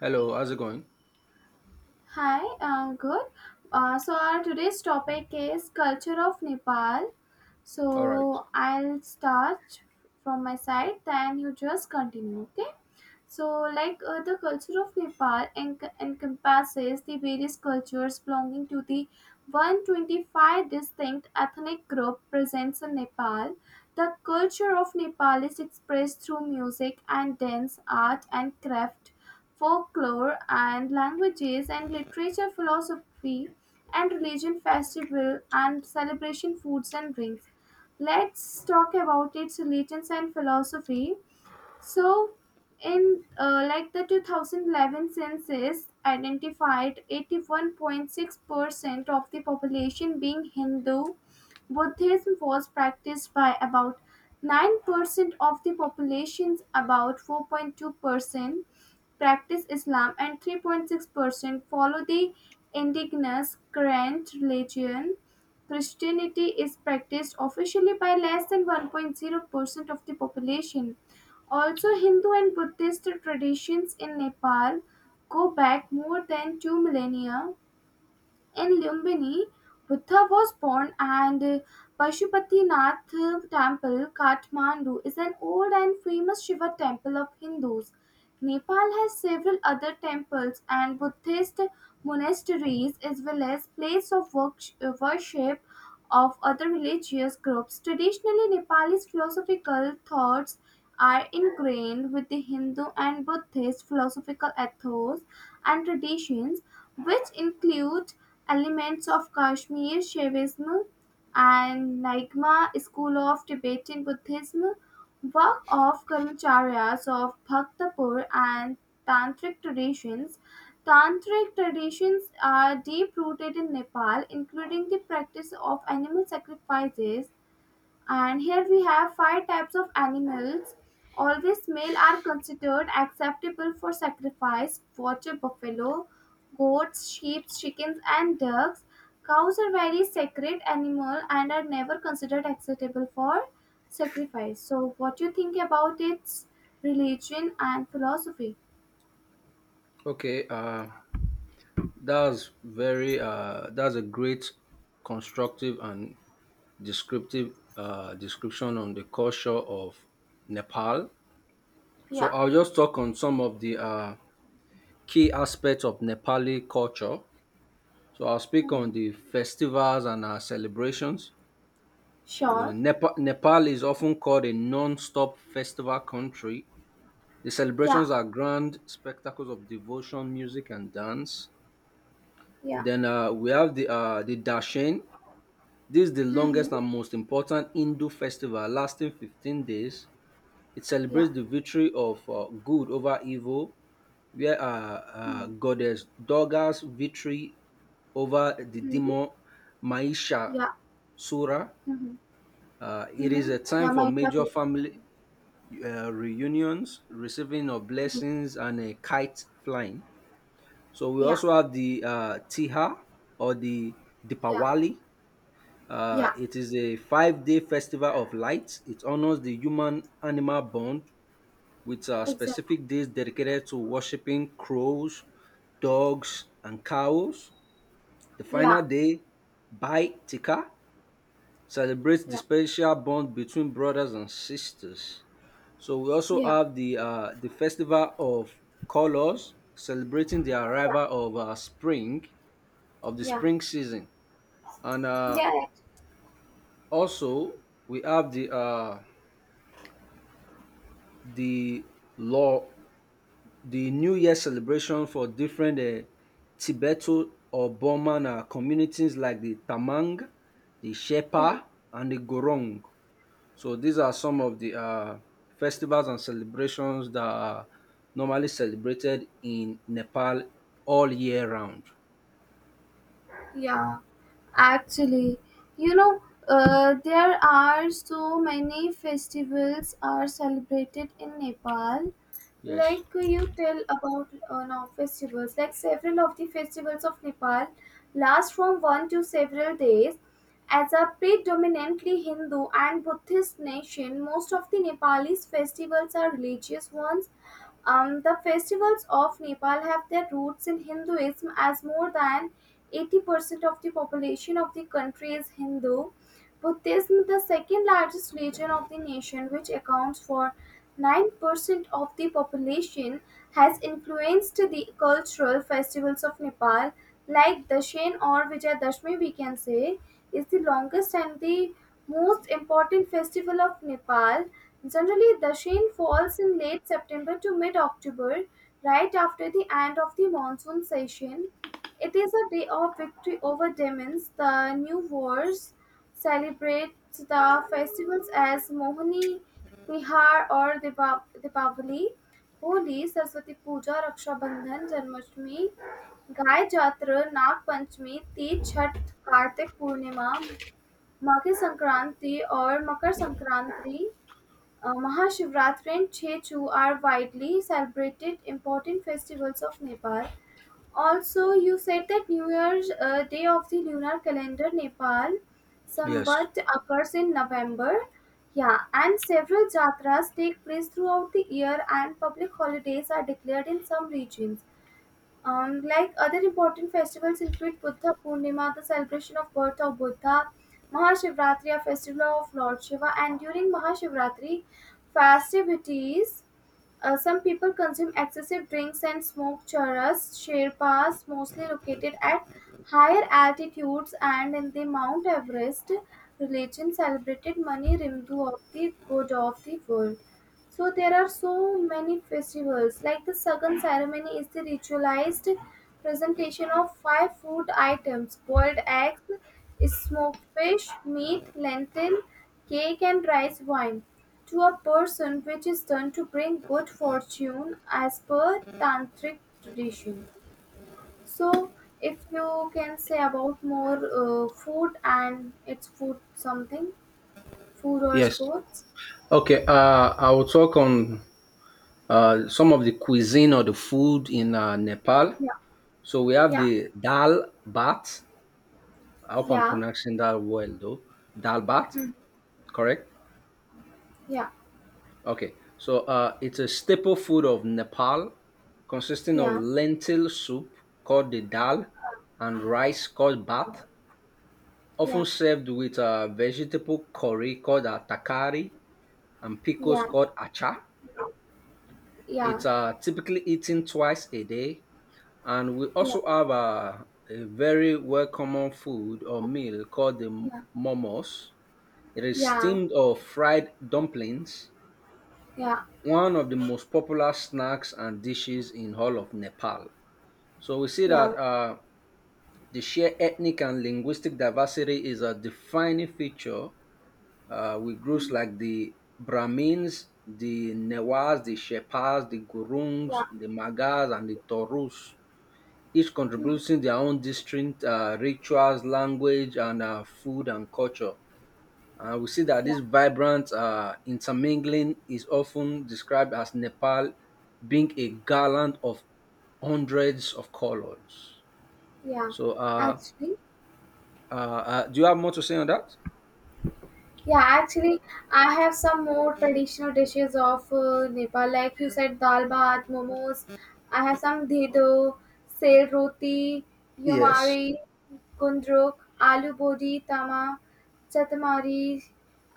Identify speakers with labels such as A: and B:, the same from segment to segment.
A: Hello, how's it going?
B: Hi, good. So our today's topic is culture of Nepal.
A: All right.
B: So I'll start from my side, then you just continue. Okay. So, like the culture of Nepal encompasses the various cultures belonging to the 125 distinct ethnic group present in Nepal. The culture of Nepal is expressed through music and dance, art and craft, folklore and languages and literature, philosophy and religion, festival and celebration, foods and drinks. Let's talk about its religions and philosophy. So, in like the 2011 census identified 81.6% of the population being Hindu. Buddhism was practiced by about 9% of the populations, about 4.2% practice Islam, and 3.6% follow the indigenous current religion. Christianity is practiced officially by less than 1.0% of the population. Also, Hindu and Buddhist traditions in Nepal go back more than 2 millennia. In Lumbini, Buddha was born, and Pashupati Temple, Kathmandu, is an old and famous Shiva temple of Hindus. Nepal has several other temples and Buddhist monasteries, as well as place of worship of other religious groups. Traditionally, Nepalese philosophical thoughts are ingrained with the Hindu and Buddhist philosophical ethos and traditions, which include elements of Kashmir Shaivism and Nyingma school of Tibetan Buddhism, work of Karmacharyas of Bhaktapur and Tantric traditions. Tantric traditions are deep rooted in Nepal, including the practice of animal sacrifices. And here we have five types of animals. Always male are considered acceptable for sacrifice: water buffalo, goats, sheep, chickens, and ducks. Cows are very sacred animal and are never considered acceptable for sacrifice. So, what do you think about its religion and philosophy?
A: Okay, that's very that's a great constructive and descriptive description on the culture of Nepal. So
B: Yeah.
A: I'll just talk on some of the key aspects of Nepali culture. So I'll speak on
B: Hmm.
A: the festivals and celebrations. Well,
B: Sure.
A: Nepal is often called a non-stop festival country. The
B: Yeah,
A: celebrations are grand spectacles of devotion, music, and dance.
B: yeah.
A: Then we have the Dashen. This is the
B: Mhm.
A: longest and most important Hindu festival, lasting 15 days. It
B: Yeah.
A: celebrates the victory of good over evil, where
B: Mhm.
A: goddess Durga's victory over the
B: Mhm.
A: demon Maisha
B: Yeah.
A: Sura.
B: Mhm.
A: It is
B: Mhm.
A: a time
B: Yeah,
A: for
B: my
A: major
B: cousin.
A: family reunions, receiving of
B: Mhm.
A: blessings, and a kite flying. So we
B: Yeah.
A: also have the Tiha or the
B: Yeah.
A: Dipawali.
B: Yeah.
A: It is a 5 day festival of lights. It honors the human animal bond with
B: Exactly.
A: specific days dedicated to worshipping crows, dogs, and cows. The
B: Yeah.
A: final day, Bai Tika, celebrates the
B: Yeah.
A: special bond between brothers and sisters. So we also
B: Yeah.
A: have the festival of colors, celebrating the
B: Yeah.
A: arrival of spring of the
B: Yeah.
A: spring season, and
B: Yeah.
A: also we have the law, the New Year celebration for different Tibeto or Burman communities like the Tamang, the
B: Yeah. Yeah.
A: Shepa, and the Gorong. So these are some of the festivals and celebrations that are normally celebrated in Nepal all year round.
B: Yeah. Actually, you know, there are so many festivals are celebrated in Nepal.
A: Yes,
B: Like you tell about now festivals, like several of the festivals of Nepal last from one to several days. As a predominantly Hindu and Buddhist nation, most of the Nepalese festivals are religious ones. The festivals of Nepal have their roots in Hinduism, as more than 80% of the population of the country is Hindu. Buddhism, the second largest religion of the nation, which accounts for 9% of the population, has influenced the cultural festivals of Nepal, like Dashen or Vijayadashmi, we can say, is the longest and the most important festival of Nepal. Generally, Dashen falls in late September to mid October, right after the end of the monsoon session. It is a day of victory over demons. The new wars celebrate the festivals as Mohini Tihar or Deepavali, Holi, Saraswati Puja, Raksha Bandhan, Janmashtami, guy Jatra, नाग पंचमी, तीज, छठ, कार्तिक पूर्णिमा, मकर संक्रांति और मकर Sankranti, Mahashivratri and Chechu are widely celebrated important festivals of Nepal. Also, you said that New Year's Day of the lunar calendar Nepal
A: yes,
B: Sambat occurs in November. Yeah, and several jatras take place throughout the year, and public holidays are declared in some regions. Like other important festivals include Buddha Purnima, the celebration of birth of Buddha; Mahashivratri, a festival of Lord Shiva. And during Mahashivratri festivities, some people consume excessive drinks and smoke charas. Sherpas, mostly located at higher altitudes and in the Mount Everest religion, celebrated Mani Rimdu of the god of the world. So there are so many festivals. Like the Sagan ceremony is the ritualized presentation of five food items: boiled eggs, smoked fish, meat, lentil, cake, and rice wine to a person, which is done to bring good fortune as per tantric tradition. So if you can say about more food and its food something, food or
A: yes.
B: sports.
A: Okay, I will talk on some of the cuisine or the food in Nepal.
B: Yeah,
A: So we have
B: yeah,
A: the dal bat. I hope I'm
B: yeah.
A: pronouncing that well, though. Dal bat,
B: Hmm.
A: correct?
B: Yeah.
A: Okay. So it's a staple food of Nepal, consisting of
B: Yeah,
A: lentil soup called the dal and rice called bat,
B: yeah,
A: often served with a vegetable curry called a takari and pickles
B: yeah,
A: called acha.
B: yeah,
A: It's typically eaten twice a day. And we
B: yeah,
A: also have a very well common food or meal called the
B: yeah,
A: momos. It is
B: yeah,
A: steamed or fried dumplings,
B: yeah,
A: one of the most popular snacks and dishes in all of Nepal. So we see
B: yeah,
A: that the sheer ethnic and linguistic diversity is a defining feature with groups
B: mm,
A: like the Brahmins, the Newas, the Shepas, the Gurungs,
B: yeah,
A: the Magas, and the Torus each
B: mhm,
A: contributing their own distinct rituals, language, and food and culture. We see that
B: yeah,
A: this vibrant intermingling is often described as Nepal being a garland of hundreds of colors.
B: yeah.
A: So, uh,
B: Actually,
A: do you have more to say on that?
B: yeah, actually, I have some more traditional dishes of Nepal, like you said, dal bhat, momos. I have some dhedo, sel roti,
A: Yes.
B: yumari, gundruk, aloo bodi, tama, Chathamari.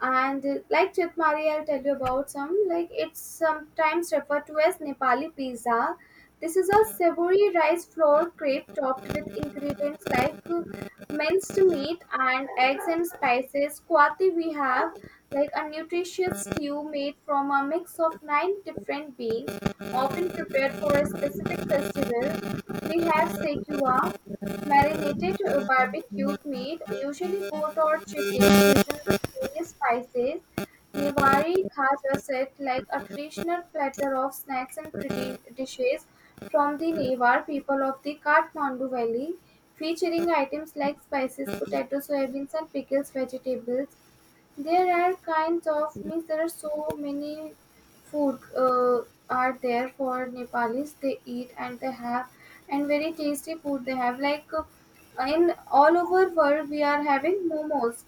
B: And like Chathamari, I'll tell you about some. Like it's sometimes referred to as Nepali pizza. This is a savory rice flour crepe topped with ingredients like minced meat and eggs and spices. Kwati we have, like a nutritious stew made from a mix of nine different beans, often prepared for a specific festival. We have Sekua, marinated barbecued meat, usually goat or chicken, seasoned with various spices. Niwari khaja set, like a traditional platter of snacks and dishes from the Newar people of the Kathmandu Valley, featuring items like spices, potatoes, soybeans, and pickles, vegetables. There are kinds of means. There are so many food are there for Nepalis. They eat and they have, and very tasty food they have. Like in all over world, we are having momos.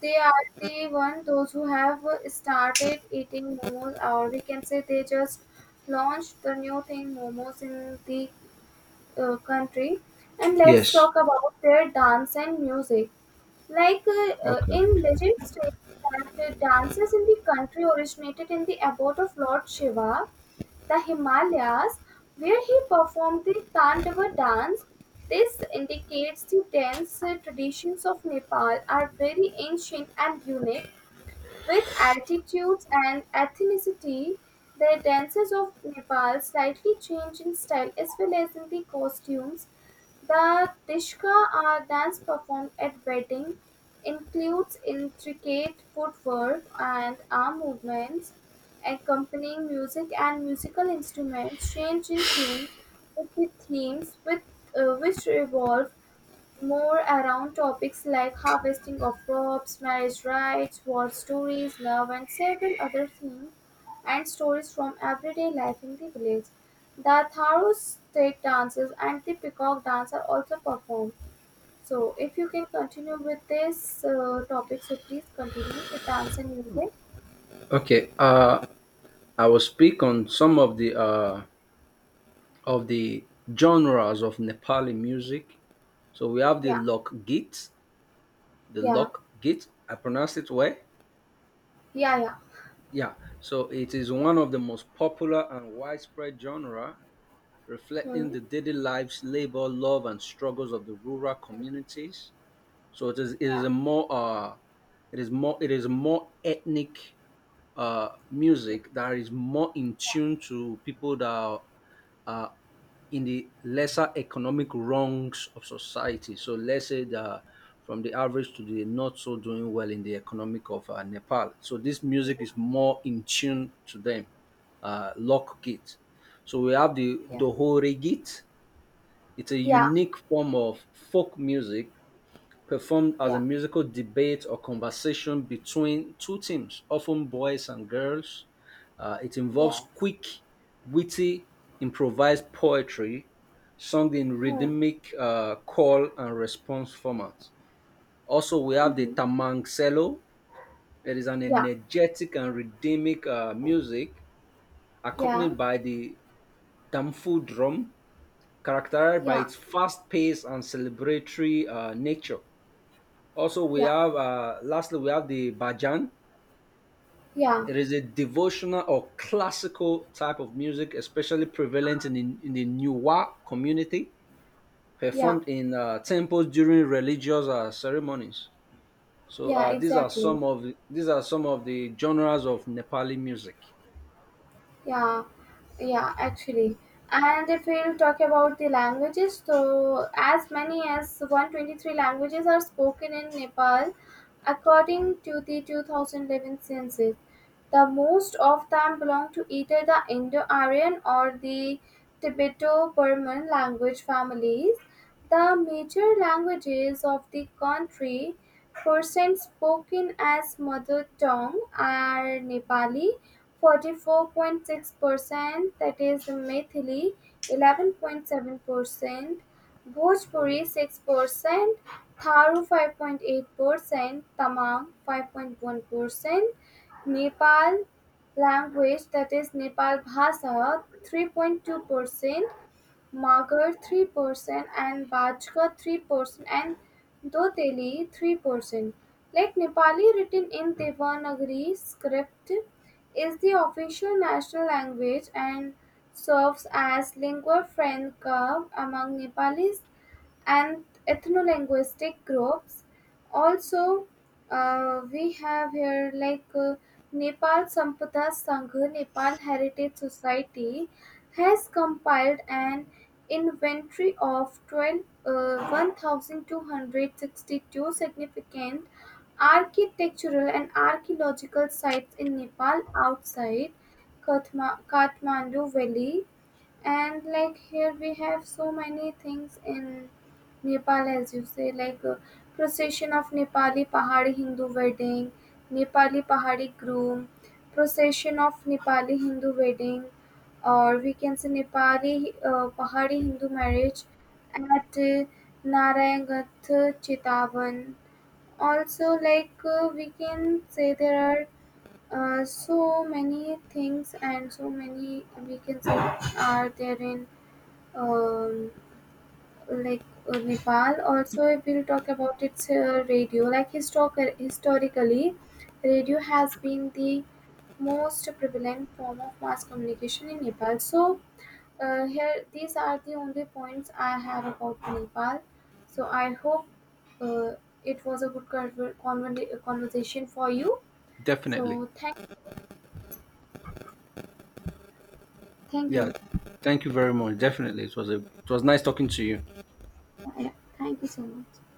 B: They are the one those who have started eating momos, or we can say they just launched the new thing momos in the country. And let's
A: Yes.
B: talk about their dance and music. Like in
A: Okay.
B: legend states that dances in the country originated in the abode of Lord Shiva, the Himalayas, where he performed the Tandava dance. This indicates the dance traditions of Nepal are very ancient and unique. With altitudes and ethnicity, the dances of Nepal slightly change in style as well as in the costumes. The Dishka are dance performed at wedding includes intricate footwork and arm movements. Accompanying music and musical instruments change in tune with the themes, which revolve more around topics like harvesting of crops, marriage rites, war stories, love, and several other themes and stories from everyday life in the village. The Tharo state dances and the peacock dance are also performed. So, if you can continue with this topic, so please continue with dance and music.
A: Okay. I will speak on some of the of the genres of Nepali music. So we have the
B: Yeah,
A: Lokgit, the
B: yeah,
A: lock gate I pronounced it well
B: yeah, yeah.
A: yeah so it is one of the most popular and widespread genre, reflecting
B: Hmm.
A: the daily lives, labor, love, and struggles of the rural communities. So it is
B: Yeah,
A: a more it is more ethnic
B: yeah,
A: music that is more in tune to people that are uh, in the lesser economic wrongs of society. So let's say that from the average to the not so doing well in the economic of Nepal. So this music is more in tune to them. Lock git. So we have the
B: yeah,
A: Dohore git. It's a
B: yeah, yeah,
A: unique form of folk music performed as a
B: yeah,
A: musical debate or conversation between two teams, often boys and girls. It involves
B: yes.
A: quick, witty, improvised poetry sung in
B: Hmm.
A: rhythmic call and response format. Also, we have the
B: Mm-hmm.
A: tamangselo. It is an
B: Yeah,
A: energetic and rhythmic music
B: yeah,
A: accompanied by the damfu drum, characterized by
B: yeah,
A: its fast pace and celebratory nature. Also, we
B: yeah.
A: have lastly we have the bhajan.
B: Yeah,
A: It is a devotional or classical type of music, especially prevalent in the Nuwa community,
B: yeah,
A: performed in temples during religious ceremonies. So
B: yeah,
A: these are
B: exactly.
A: some of the genres of Nepali music.
B: Yeah, yeah, actually. And if we'll talk about the languages, so as many as 123 languages are spoken in Nepal according to the 2011 census. The most of them belong to either the Indo-Aryan or the Tibeto-Burman language families. The major languages of the country, percent spoken as mother tongue, are Nepali 44.6%, that is Maithili 11.7%, Bhojpuri 6%, Tharu 5.8%, Tamang 5.1%, Nepal language that is Nepal Bhasa 3.2%, Magar 3% and Bajka 3% and Doteli 3%. Like Nepali written in Devanagari script is the official national language and serves as lingua franca among Nepalese and ethno-linguistic groups. Also, we have here like Nepal Sampata Sangha, Nepal Heritage Society, has compiled an inventory of 1,262 significant architectural and archaeological sites in Nepal outside Kathmandu Valley. And like here we have so many things in Nepal, as you say, like Procession of Nepali Pahari Hindu Wedding, Nepali Pahari Groom, Procession of Nepali Hindu Wedding, or we can say Nepali Pahari Hindu Marriage at Narayangath Chitavan. Also, like we can say there are so many things, and so many we can say are there in um, like Nepal. Also, if we'll talk about its radio, like historically radio has been the most prevalent form of mass communication in Nepal. So here these are the only points I have about Nepal, so I hope uh, it was a good conversation for you.
A: Definitely,
B: So thank
A: yeah.
B: you.
A: Thank you very much. Definitely, it was nice talking to you.
B: Yeah, yeah. Thank you so much.